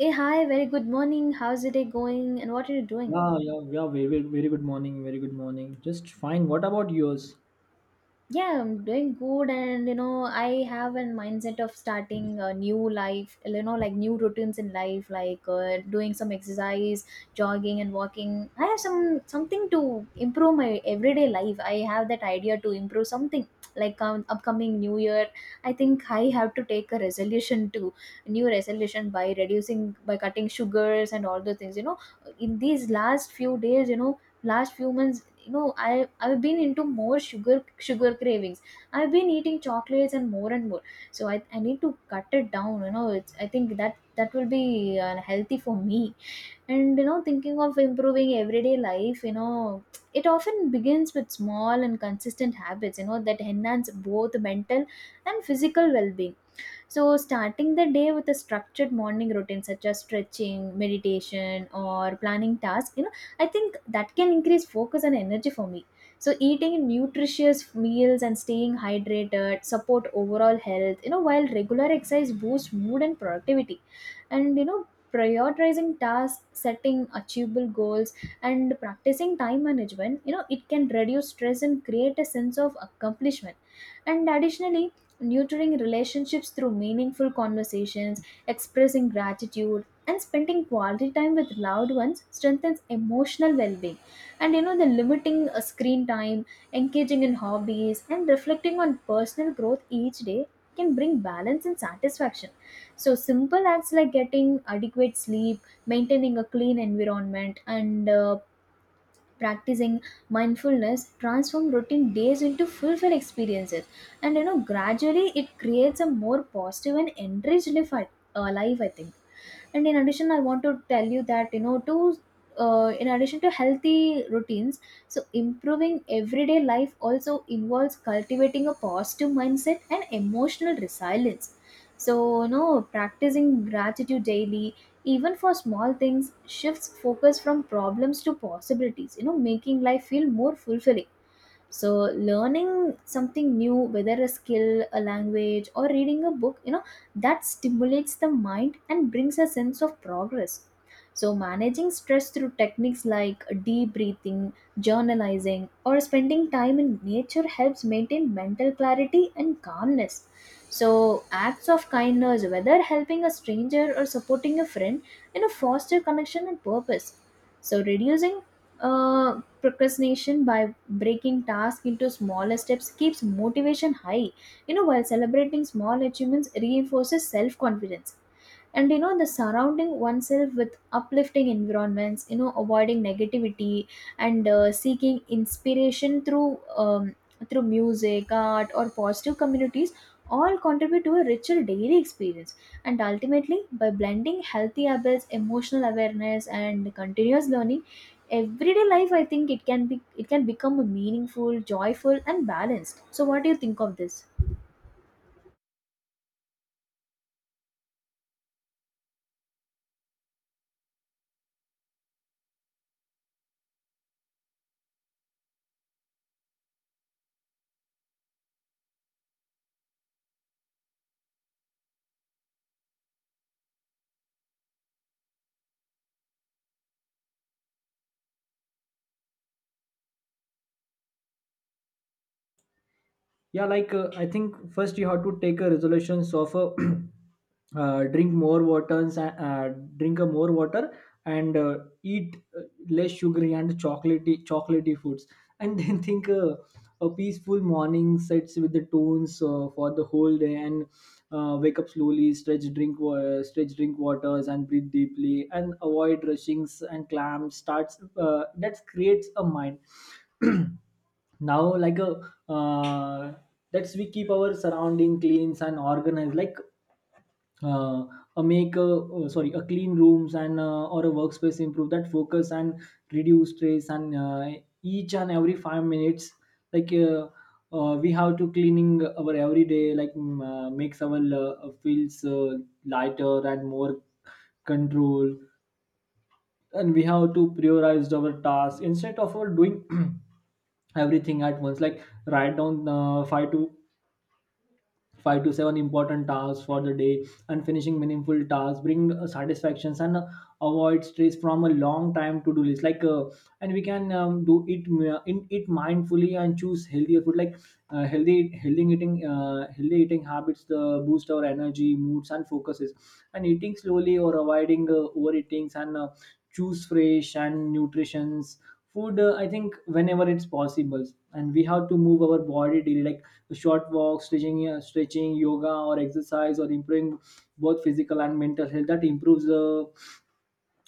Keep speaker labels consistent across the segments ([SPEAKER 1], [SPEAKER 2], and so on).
[SPEAKER 1] Hey, hi, very good morning. How's the day going and what are you doing?
[SPEAKER 2] Yeah, yeah, yeah. Very, very good morning. Very good morning. Just fine. What about yours?
[SPEAKER 1] Yeah, I'm doing good and you know, I have a mindset of starting a new life, you know, like new routines in life, like doing some exercise, jogging and walking. I have something to improve my everyday life. I have that idea to improve something like upcoming new year. I think I have to take a resolution to new resolution by reducing by cutting sugars and all those things. In these last few days, you know, last few months, you know, I've been into more sugar cravings. I've been eating chocolates and more and more. So I need to cut it down, you know. I think that will be unhealthy for me. And, you know, thinking of improving everyday life, you know, it often begins with small and consistent habits, you know, that enhance both mental and physical well-being. So, starting the day with a structured morning routine such as stretching, meditation, or planning tasks, you know, I think that can increase focus and energy for me. So, eating nutritious meals and staying hydrated support overall health, you know, while regular exercise boosts mood and productivity. And, you know, prioritizing tasks, setting achievable goals, and practicing time management, you know, it can reduce stress and create a sense of accomplishment. And additionally, nurturing relationships through meaningful conversations, expressing gratitude, and spending quality time with loved ones strengthens emotional well-being. And you know, the limiting screen time, engaging in hobbies, and reflecting on personal growth each day can bring balance and satisfaction. So simple acts like getting adequate sleep, maintaining a clean environment, and practicing mindfulness transform routine days into fulfilled experiences, and you know gradually it creates a more positive and enriched life, I think. And in addition, I want to tell you that, you know, to in addition to healthy routines, so improving everyday life also involves cultivating a positive mindset and emotional resilience. So you know, practicing gratitude daily, even for small things, shifts focus from problems to possibilities, you know, making life feel more fulfilling. So learning something new, whether a skill, a language, or reading a book, you know, that stimulates the mind and brings a sense of progress. So managing stress through techniques like deep breathing, journalizing, or spending time in nature helps maintain mental clarity and calmness. So acts of kindness, whether helping a stranger or supporting a friend, you know, foster connection and purpose. So reducing uh, procrastination by breaking tasks into smaller steps keeps motivation high, you know, while celebrating small achievements reinforces self confidence. And you know, the surrounding oneself with uplifting environments, you know, avoiding negativity, and seeking inspiration through through music, art, or positive communities, all contribute to a richer daily experience. And ultimately, by blending healthy habits, emotional awareness, and continuous learning, everyday life, I think, it can become a meaningful, joyful, and balanced. So what do you think of this?
[SPEAKER 2] Yeah, like I think first you have to take a resolution of drink more waters drink a more water, and eat less sugary and chocolatey foods, and then think, a peaceful morning sets with the tones for the whole day. And wake up slowly, stretch, stretch, drink waters and breathe deeply, and avoid rushings and clamps starts, that creates a mind now like a uh, let's, we keep our surrounding cleans and organized, like uh, a make a sorry, a clean rooms and or a workspace improve that focus and reduce stress. And each and every five minutes, like we have to cleaning our everyday, like makes our feels lighter and more control. And we have to prioritize our tasks instead of our doing everything at once, like write down five to seven important tasks for the day, and finishing meaningful tasks bring satisfactions and avoid stress from a long time to do list, like and we can do it in it mindfully and choose healthier food, like healthy eating habits the boost our energy moods and focuses. And eating slowly or avoiding overeatings, and choose fresh and nutritions food, I think whenever it's possible. And we have to move our body daily, like short walks, stretching, yoga or exercise, or improving both physical and mental health, that improves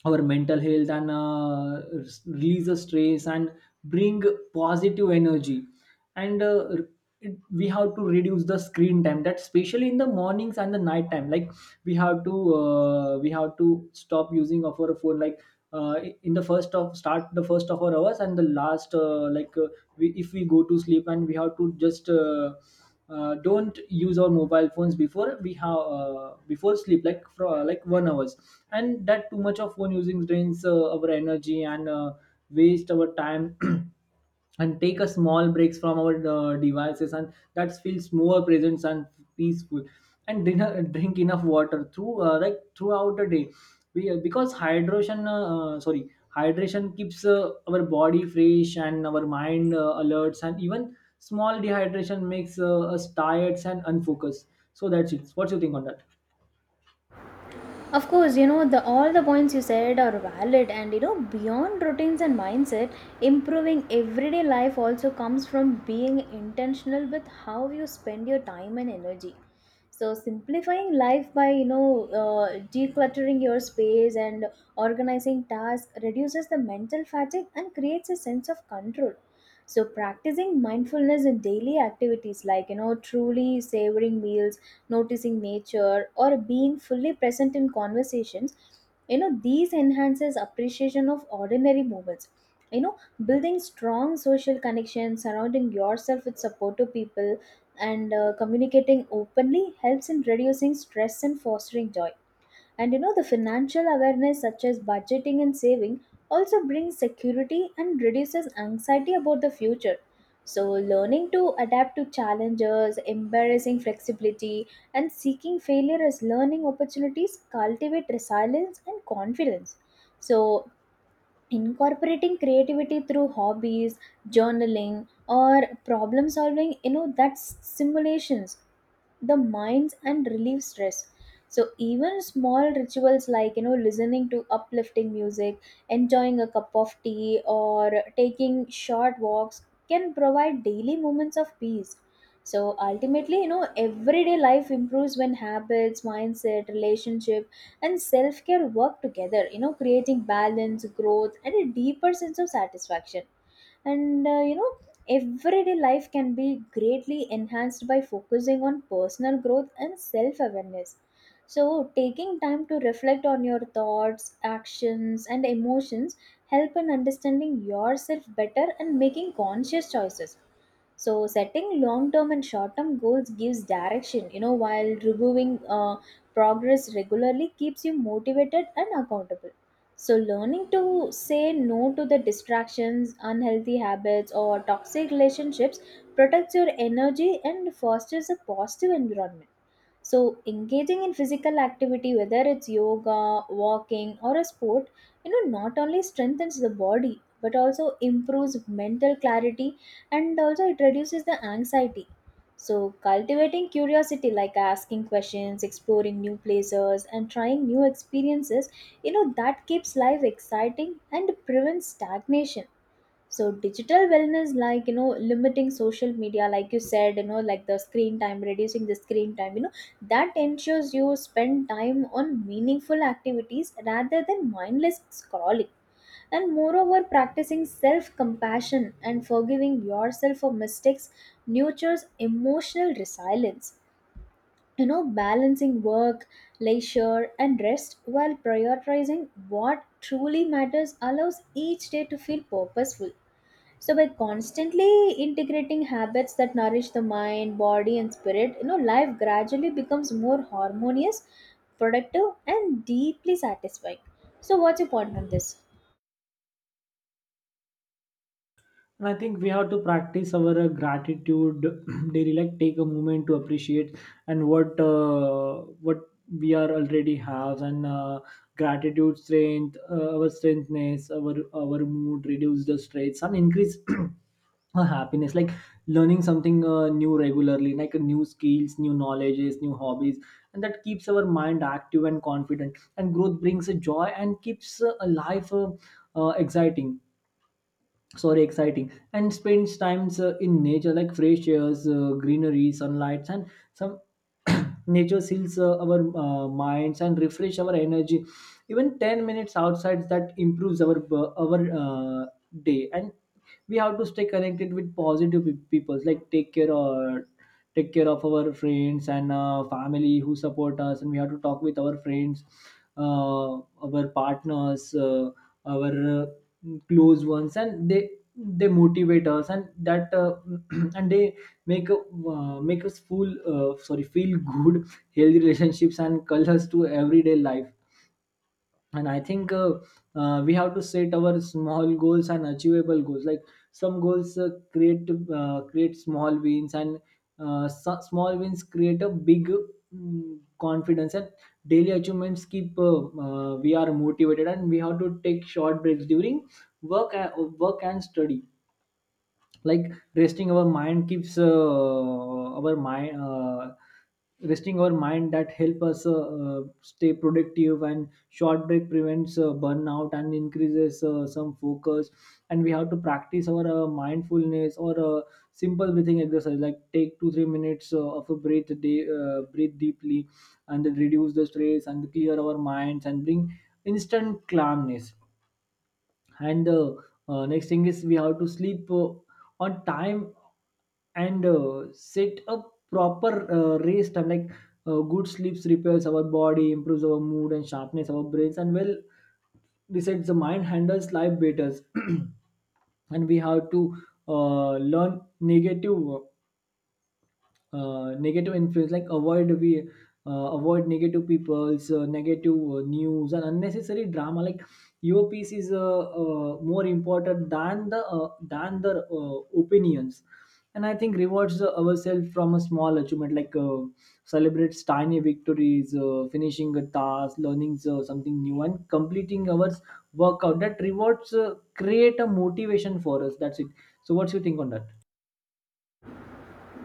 [SPEAKER 2] our mental health and release the stress and bring positive energy. And we have to reduce the screen time, that especially in the mornings and the night time, like we have to stop using of our phone, like uh, in the first of start the first of our hours and the last, if we go to sleep, and we have to just don't use our mobile phones before we have, before sleep, like for like one hours. And that too much of phone using drains our energy and waste our time. And take a small breaks from our devices, and that feels more present and peaceful. And dinner, drink enough water through, like throughout the day, we because hydration sorry, hydration keeps our body fresh and our mind alerts, and even small dehydration makes us tired and unfocused. So that's it. What's your think on that?
[SPEAKER 1] Of course, you know, the all the points you said are valid, and you know, beyond routines and mindset, improving everyday life also comes from being intentional with how you spend your time and energy. So simplifying life by, you know, decluttering your space and organizing tasks reduces the mental fatigue and creates a sense of control. So practicing mindfulness in daily activities, like, you know, truly savoring meals, noticing nature, or being fully present in conversations, you know, these enhances appreciation of ordinary moments. You know, building strong social connections, surrounding yourself with supportive people, and communicating openly helps in reducing stress and fostering joy. And you know, the financial awareness, such as budgeting and saving, also brings security and reduces anxiety about the future. So, learning to adapt to challenges, embracing flexibility, and seeking failure as learning opportunities cultivate resilience and confidence. So, incorporating creativity through hobbies, journaling, or problem solving, you know, that's simulations the minds and relieve stress. So even small rituals like, you know, listening to uplifting music, enjoying a cup of tea, or taking short walks can provide daily moments of peace. So ultimately, you know, everyday life improves when habits, mindset, relationship, and self-care work together, you know, creating balance, growth, and a deeper sense of satisfaction. And you know, everyday life can be greatly enhanced by focusing on personal growth and self awareness. So, taking time to reflect on your thoughts, actions, and emotions help in understanding yourself better and making conscious choices. So, setting long term and short term goals gives direction, you know, while reviewing progress regularly keeps you motivated and accountable. So, learning to say no to the distractions, unhealthy habits, or toxic relationships protects your energy and fosters a positive environment. So engaging in physical activity, whether it's yoga, walking, or a sport, you know, not only strengthens the body but also improves mental clarity, and also it reduces the anxiety. So cultivating curiosity, like asking questions, exploring new places, and trying new experiences, you know, that keeps life exciting and prevents stagnation. So digital wellness, like you know, limiting social media, like you said, you know, like the screen time, reducing the screen time, you know, that ensures you spend time on meaningful activities rather than mindless scrolling. And moreover, practicing self compassion and forgiving yourself for mistakes nurtures emotional resilience. You know, balancing work, leisure, and rest while prioritizing what truly matters allows each day to feel purposeful. So by constantly integrating habits that nourish the mind, body, and spirit, you know, life gradually becomes more harmonious, productive, and deeply satisfying. So what's your point on this?
[SPEAKER 2] And I think we have to practice our gratitude daily, like take a moment to appreciate and what we are already have, and gratitude strength our strengthness, our mood, reduce the stress and increase a happiness. Like learning something new regularly, like new skills, new knowledges, new hobbies, and that keeps our mind active and confident, and growth brings a joy and keeps a life uh, exciting exciting, and spends times in nature, like fresh airs, greenery, sunlight, and some nature seals our minds and refresh our energy. Even 10 minutes outside that improves our day. And we have to stay connected with positive people, like take care of our friends and family who support us, and we have to talk with our friends, uh, our partners, our close ones, and they motivate us, and that and they make make us feel sorry, feel good. Healthy relationships and colors to everyday life. And I think we have to set our small goals and achievable goals, like some goals create small wins, and small wins create a big confidence, and daily achievements keep we are motivated. And we have to take short breaks during work uh, work and study, like resting our mind that help us stay productive, and short break prevents burnout and increases some focus. And we have to practice our mindfulness or simple breathing exercise, like take 2 3 minutes of a breath a day, breathe deeply, and then reduce the stress and clear our minds and bring instant calmness. And the next thing is we have to sleep on time, and set a proper race time, like good sleeps repairs our body, improves our mood and sharpness our brains, and well besides the mind handles life better. And we have to learn negative negative influence, like avoid negative people's negative news and unnecessary drama. Like your piece is more important than the opinions. And I think rewards ourselves from a small achievement, like celebrates tiny victories, finishing a task, learning something new, and completing our workout, that rewards create a motivation for us. That's it. So what's your think on that?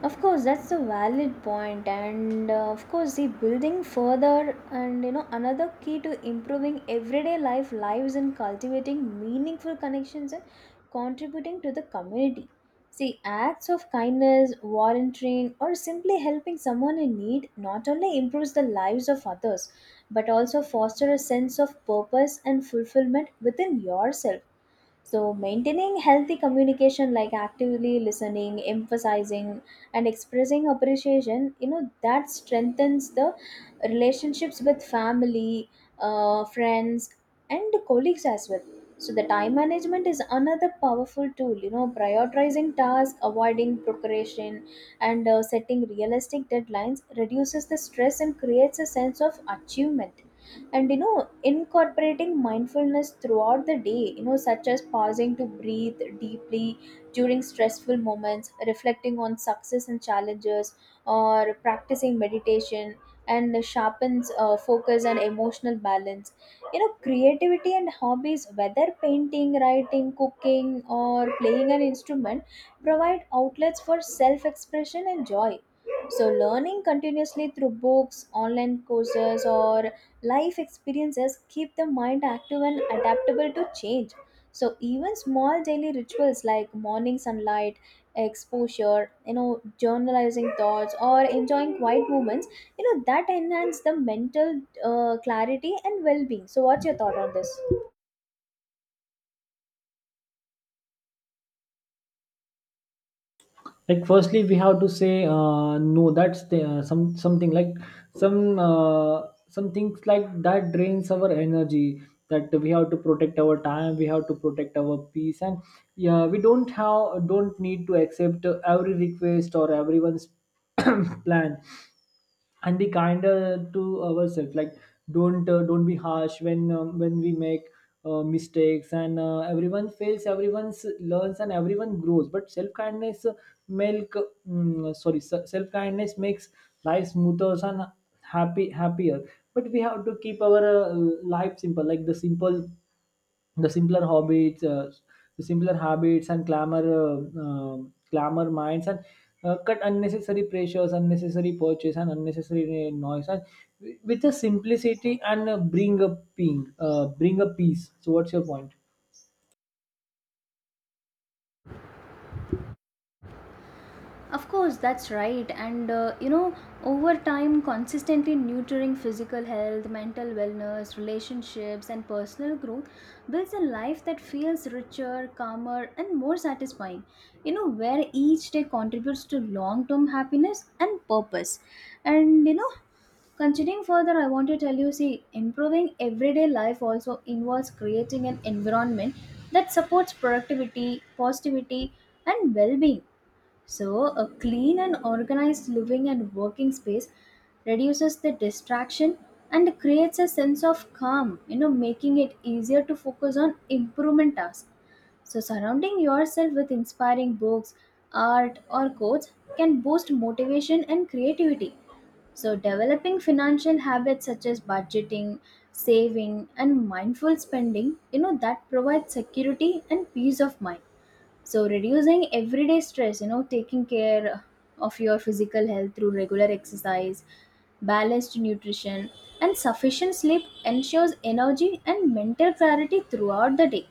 [SPEAKER 1] Of course, that's a valid point. And of course, the building further, and you know, another key to improving everyday life lives and cultivating meaningful connections and contributing to the community. See, acts of kindness, volunteering, or simply helping someone in need not only improves the lives of others but also foster a sense of purpose and fulfillment within yourself. So, maintaining healthy communication, like actively listening, emphasizing, and expressing appreciation, you know, that strengthens the relationships with family, friends, and colleagues as well. So, the time management is another powerful tool, you know, prioritizing tasks, avoiding procrastination, and setting realistic deadlines reduces the stress and creates a sense of achievement. And you know, incorporating mindfulness throughout the day, you know, such as pausing to breathe deeply during stressful moments, reflecting on success and challenges, or practicing meditation and sharpens focus and emotional balance. You know, creativity and hobbies, whether painting, writing, cooking, or playing an instrument, provide outlets for self expression and joy. So learning continuously through books, online courses, or life experiences keep the mind active and adaptable to change. So even small daily rituals like morning sunlight exposure, you know, journalizing thoughts, or enjoying quiet moments, you know, that enhance the mental clarity and well-being. So what's your thought on this?
[SPEAKER 2] Like firstly we have to say no, that's the, some something, like some uh, some things like that drains our energy, that we have to protect our time, we have to protect our peace. And yeah, we don't need to accept every request or everyone's plan. And be kinder to ourselves, like don't be harsh when we make mistakes, and everyone fails, everyone learns, and everyone grows, but self kindness milk sorry, self kindness makes life smoother and happy happier. But we have to keep our life simple, like the simpler hobbies, the simpler habits, and clamor, clamor minds, and cut unnecessary pressures, unnecessary purchase, and unnecessary noise, and with a simplicity and bring a bring a peace. So, what's your point?
[SPEAKER 1] Of course, that's right. And you know, over time, consistently nurturing physical health, mental wellness, relationships, and personal growth builds a life that feels richer, calmer, and more satisfying. You know, where each day contributes to long term happiness and purpose. And you know, continuing further, I want to tell you, see, improving everyday life also involves creating an environment that supports productivity, positivity, and well being. So, a clean and organized living and working space reduces the distraction and creates a sense of calm, you know, making it easier to focus on improvement tasks. So, surrounding yourself with inspiring books, art, or quotes can boost motivation and creativity. So, developing financial habits such as budgeting, saving, and mindful spending, you know, that provides security and peace of mind. So reducing everyday stress, you know, taking care of your physical health through regular exercise, balanced nutrition, and sufficient sleep ensures energy and mental clarity throughout the day.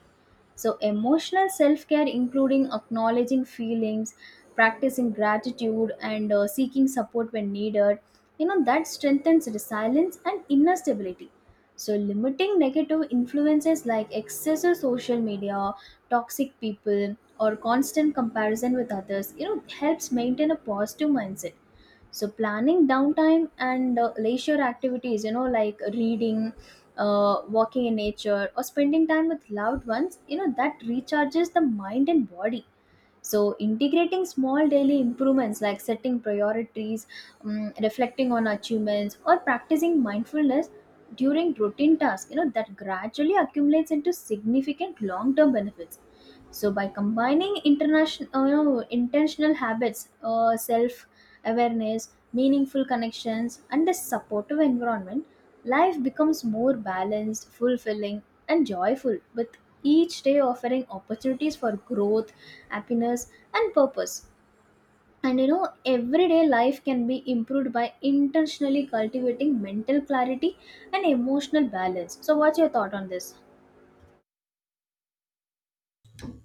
[SPEAKER 1] So, emotional self care, including acknowledging feelings, practicing gratitude, and seeking support when needed, you know, that strengthens resilience and inner stability. So, limiting negative influences like excessive social media, toxic people, or constant comparison with others, you know, helps maintain a positive mindset. So planning downtime and leisure activities, you know, like reading, walking in nature, or spending time with loved ones, you know, that recharges the mind and body. So integrating small daily improvements like setting priorities, reflecting on achievements, or practicing mindfulness during routine tasks, you know, that gradually accumulates into significant long-term benefits. So by combining you know, intentional habits, self awareness, meaningful connections, and a supportive environment, life becomes more balanced, fulfilling, and joyful, with each day offering opportunities for growth, happiness, and purpose. And you know, everyday life can be improved by intentionally cultivating mental clarity and emotional balance. So, what's your thought on this?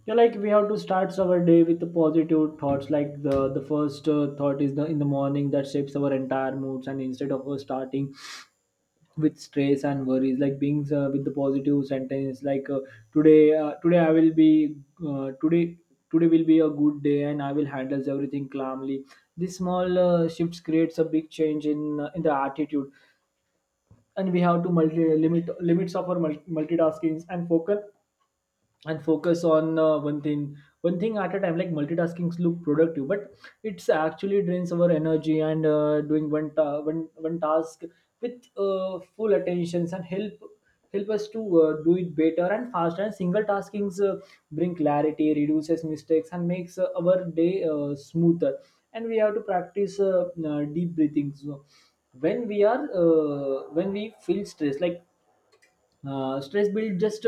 [SPEAKER 2] Yeah, like we have to start our day with the positive thoughts. Like the first thought is the in the morning that shapes our entire moods. And instead of starting with stress and worries, like being with the positive sentence, like today today I will be today today will be a good day and I will handle everything calmly. This small shifts creates a big change in the attitude. And we have to multi limit limits of our multitaskings, and focus on one thing at a time. Like multitasking look productive, but it's actually drains our energy. And doing one, ta- one one task with full attentions, and help us to do it better and faster. And single taskings bring clarity, reduces mistakes, and makes our day smoother. And we have to practice deep breathing. So when we are when we feel stressed, like stress build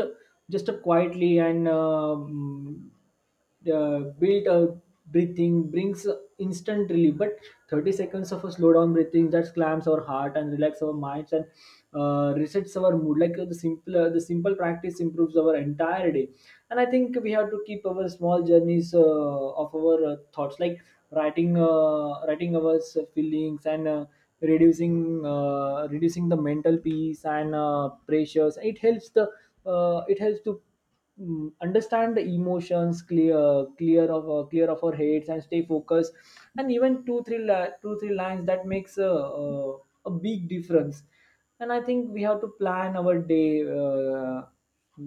[SPEAKER 2] just up quietly and built breathing brings instant relief. But 30 seconds of a slowdown breathing that calms our heart and relax our minds and resets our mood. Like the simple practice improves our entire day. And I think we have to keep our small journeys of our thoughts, like writing our feelings and. Reducing the mental peace and pressures, it helps the it helps to understand the emotions, clear of our heads and stay focused. And even two three lines, that makes a big difference. And I think we have to plan our day, uh,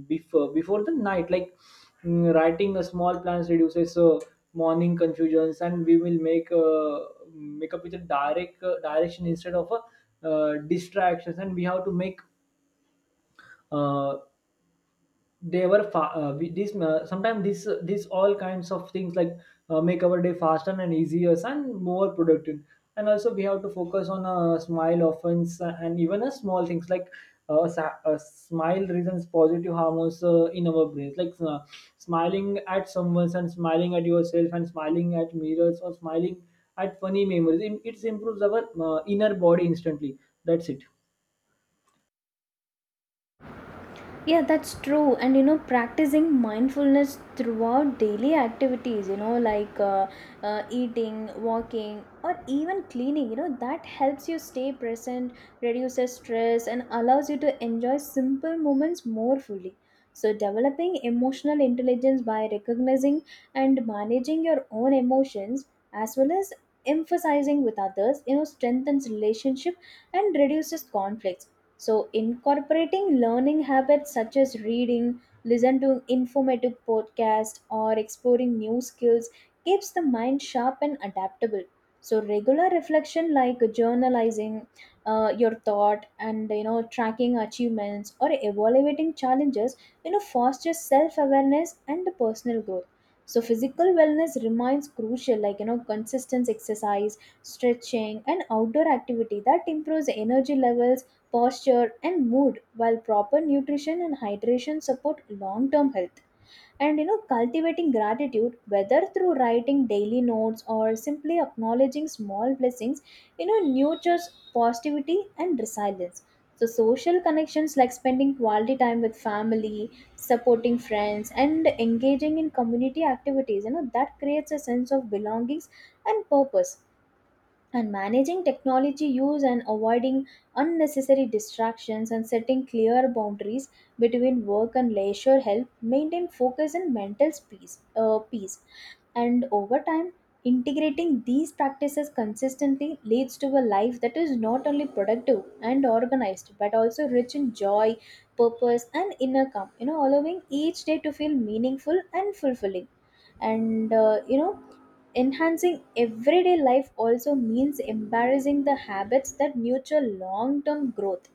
[SPEAKER 2] before the night. Like, writing a small plans reduces morning confusions, and we will make make up with a direct direction instead of a distractions. And we have to make uh, they were fa- we- this sometimes this all kinds of things, like make our day faster and easier and more productive. And also we have to focus on a smile offense and even a small things, like a smile reasons positive hormones in our brains, like smiling at someone and smiling at yourself and smiling at mirrors or smiling at funny memories. It improves our inner body instantly. That's it.
[SPEAKER 1] Yeah, that's true. And you know, practicing mindfulness throughout daily activities, you know, like eating, walking, or even cleaning, you know, that helps you stay present, reduces stress, and allows you to enjoy simple moments more fully. So, developing emotional intelligence by recognizing and managing your own emotions as well as emphasizing with others, you know, strengthens relationship and reduces conflicts. So, incorporating learning habits such as reading, listen to informative podcasts, or exploring new skills keeps the mind sharp and adaptable. So, regular reflection like journalizing your thought and you know tracking achievements or evaluating challenges, you know, fosters self-awareness and personal growth. So, physical wellness remains crucial, like you know, consistent exercise, stretching, and outdoor activity that improves energy levels, posture, and mood, while proper nutrition and hydration support long-term health. And you know, cultivating gratitude, whether through writing daily notes or simply acknowledging small blessings, you know, nurtures positivity and resilience. So, social connections like spending quality time with family, supporting friends, and engaging in community activities, you know, that creates a sense of belongings and purpose. And managing technology use and avoiding unnecessary distractions and setting clear boundaries between work and leisure help maintain focus and mental peace. And over time, integrating these practices consistently leads to a life that is not only productive and organized but also rich in joy, purpose, and inner calm, you know, allowing each day to feel meaningful and fulfilling. And enhancing everyday life also means embarrassing the habits that nurture long term growth,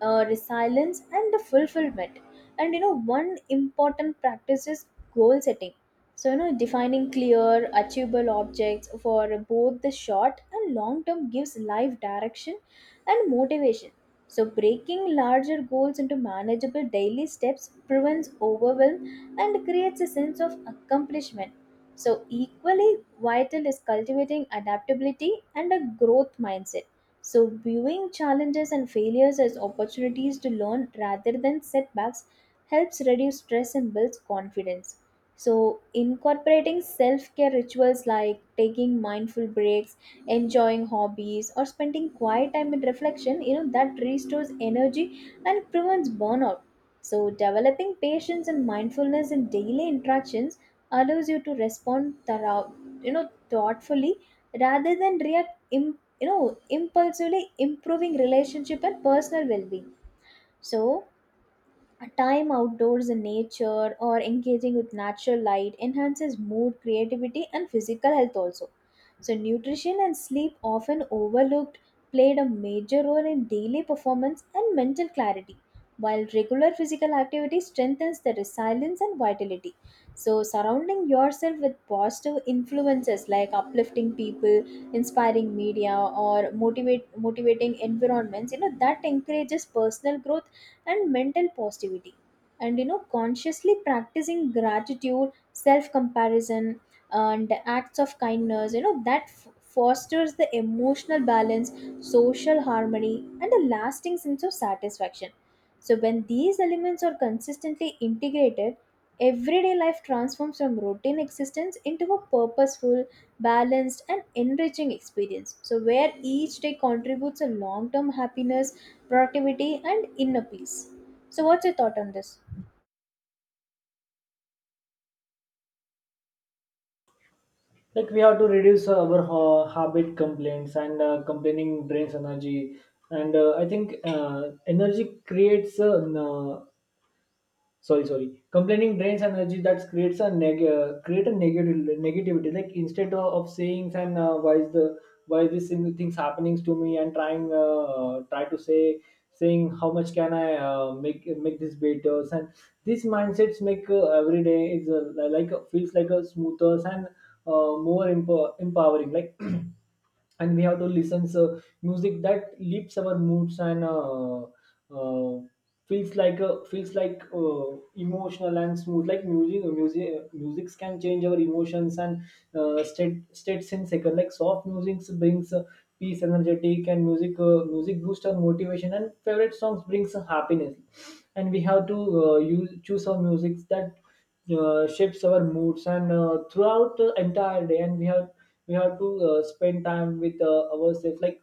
[SPEAKER 1] resilience, and the fulfillment. And you know, one important practice is goal setting. So, you know, defining clear, achievable objects for both the short and long term gives life direction and motivation. So, breaking larger goals into manageable daily steps prevents overwhelm and creates a sense of accomplishment. So, equally vital is cultivating adaptability and a growth mindset. So, viewing challenges and failures as opportunities to learn rather than setbacks helps reduce stress and builds confidence. So, incorporating self care rituals like taking mindful breaks, enjoying hobbies, or spending quiet time in reflection, you know, that restores energy and prevents burnout. So, developing patience and mindfulness in daily interactions allows you to respond thorough, you know, thoughtfully rather than react impulsively, improving relationship and personal well-being. So, a time outdoors in nature or engaging with natural light enhances mood, creativity, and physical health also. So, nutrition and sleep, often overlooked, played a major role in daily performance and mental clarity, while regular physical activity strengthens the resilience and vitality. So, surrounding yourself with positive influences like uplifting people, inspiring media, or motivating environments, you know, that encourages personal growth and mental positivity. And you know, consciously practicing gratitude, self comparison, and acts of kindness, you know, fosters the emotional balance, social harmony, and a lasting sense of satisfaction. So, when these elements are consistently integrated, everyday life transforms from routine existence into a purposeful, balanced, and enriching experience. So, where each day contributes a long term happiness, productivity, and inner peace. So, what's your thought on this?
[SPEAKER 2] Like we have to reduce our habit complaints, and complaining drains energy, and I think energy creates n- sorry sorry complaining drains energy, that creates create a negative negativity like. Instead of saying, and why is the why is this things happening to me, and try to say, saying, how much can I make this better? And these mindsets make every day is feels like a smoother and more empowering, like. And we have to listen so music that lifts our moods, and uh, feels like feels like emotional and smooth, like music. Music can change our emotions and states in second. Like soft music brings peace, energetic, and music music boosts our motivation, and favorite songs brings happiness. And we have to use choose our music that shapes our moods and throughout the entire day. And we have to spend time with ourselves, like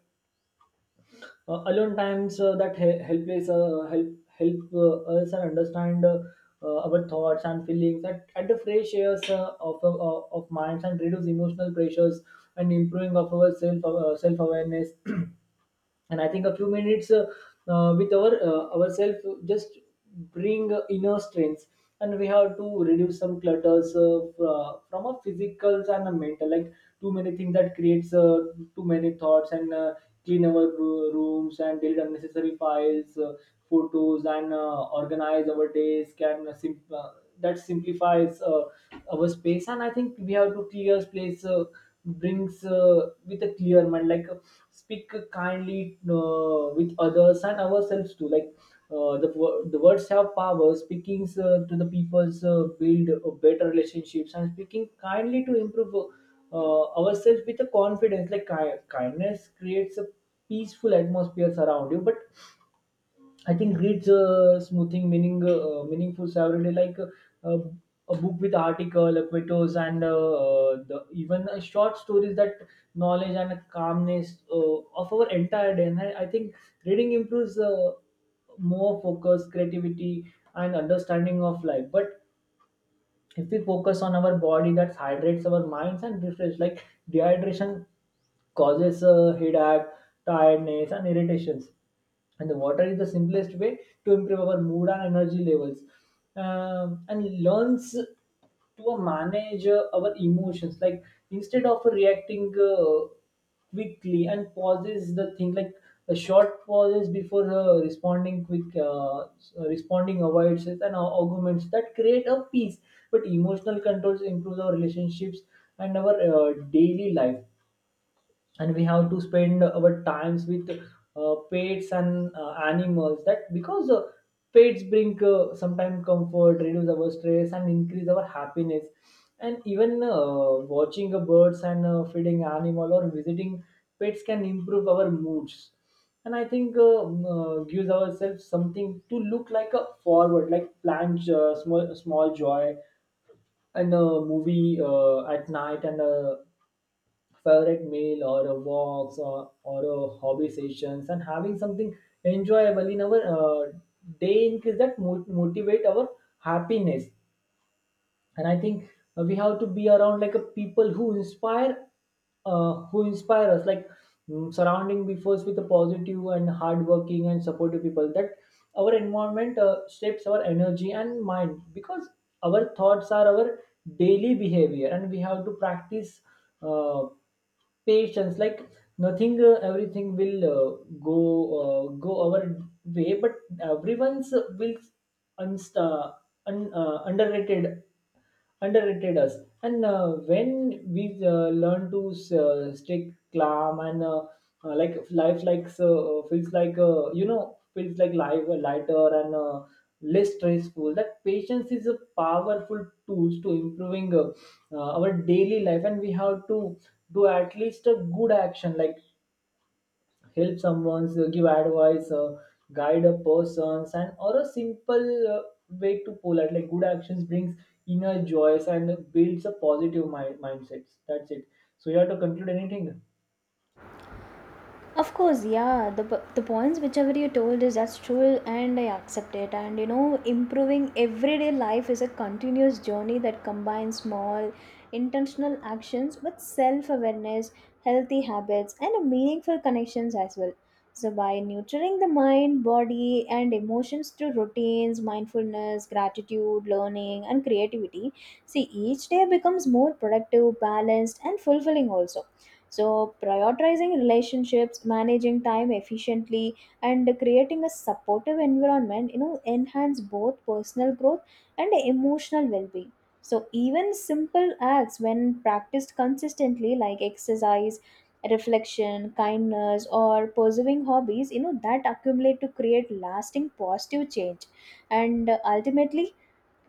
[SPEAKER 2] alone times that help us and understand our thoughts and feelings at, the fresh airs of minds, and reduce emotional pressures and improving of our self, self awareness. And I think a few minutes with our ourselves just bring inner strengths. And we have to reduce some clutters, from a physical and a mental, like too many things, that creates too many thoughts and clean our rooms and delete unnecessary files, photos, and organize our days can that simplifies our space. And I think we have to clear space, brings with a clear mind. Like speak kindly with others and ourselves too, like the words have power. Speaking to the people's build better relationships, and speaking kindly to improve ourselves with a confidence. Like kindness creates a peaceful atmosphere around you. But I think reads smoothing meaning meaningful everyday, like a book with article, quotes, and the, even short stories, that knowledge and calmness of our entire day. And I think reading improves more focus, creativity, and understanding of life. But if we focus on our body, that hydrates our minds and refresh. Like dehydration causes headache, tiredness, and irritations, and the water is the simplest way to improve our mood and energy levels. And learns to manage our emotions, like instead of reacting quickly and pauses the thing, like a short pauses before responding responding, avoids it and arguments that create a peace. But emotional controls improves our relationships and our daily life. And we have to spend our times with pets and animals, that because pets bring sometimes comfort, reduce our stress, and increase our happiness. And even watching a birds and feeding animal, or visiting pets can improve our moods. And I think gives ourselves something to look like a forward, like plan small joy, and a movie at night, and favorite meal, or a walks, or a hobby sessions, and having something enjoyable in our day increase that motivate our happiness. And I think we have to be around, like a people who inspire us, like surrounding be first with a positive and hardworking and supportive people, that our environment shapes our energy and mind, because our thoughts are our daily behavior. And we have to practice uh, patience, like nothing everything will go go our way. But everyone's will unst- uh, un- uh, underrated underrated us. And when we learn to stay calm and like life like feels like you know feels like life lighter and less stressful, that patience is a powerful tool to improving our daily life. And we have to do at least a good action, like help someone, give advice, guide a person, and or a simple way to polite. Like good actions brings inner joys and builds a positive mindset. That's it. So you have to conclude anything.
[SPEAKER 1] Of course, yeah. The points whichever you told is that's true, and I accept it. And you know, improving everyday life is a continuous journey that combines small, intentional actions with self awareness, healthy habits, and meaningful connections as well. So, by nurturing the mind, body, and emotions through routines, mindfulness, gratitude, learning, and creativity, see each day becomes more productive, balanced, and fulfilling also. So, prioritizing relationships, managing time efficiently, and creating a supportive environment, you know, enhance both personal growth and emotional well-being. So, even simple acts, when practiced consistently, like exercise, reflection, kindness, or pursuing hobbies, you know, that accumulate to create lasting positive change. And ultimately,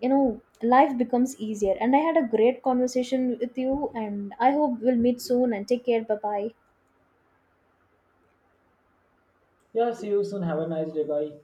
[SPEAKER 1] you know, life becomes easier. And I had a great conversation with you, and I hope we'll meet soon, and take care. Bye bye.
[SPEAKER 2] Yeah, see you soon. Have a nice day. Bye.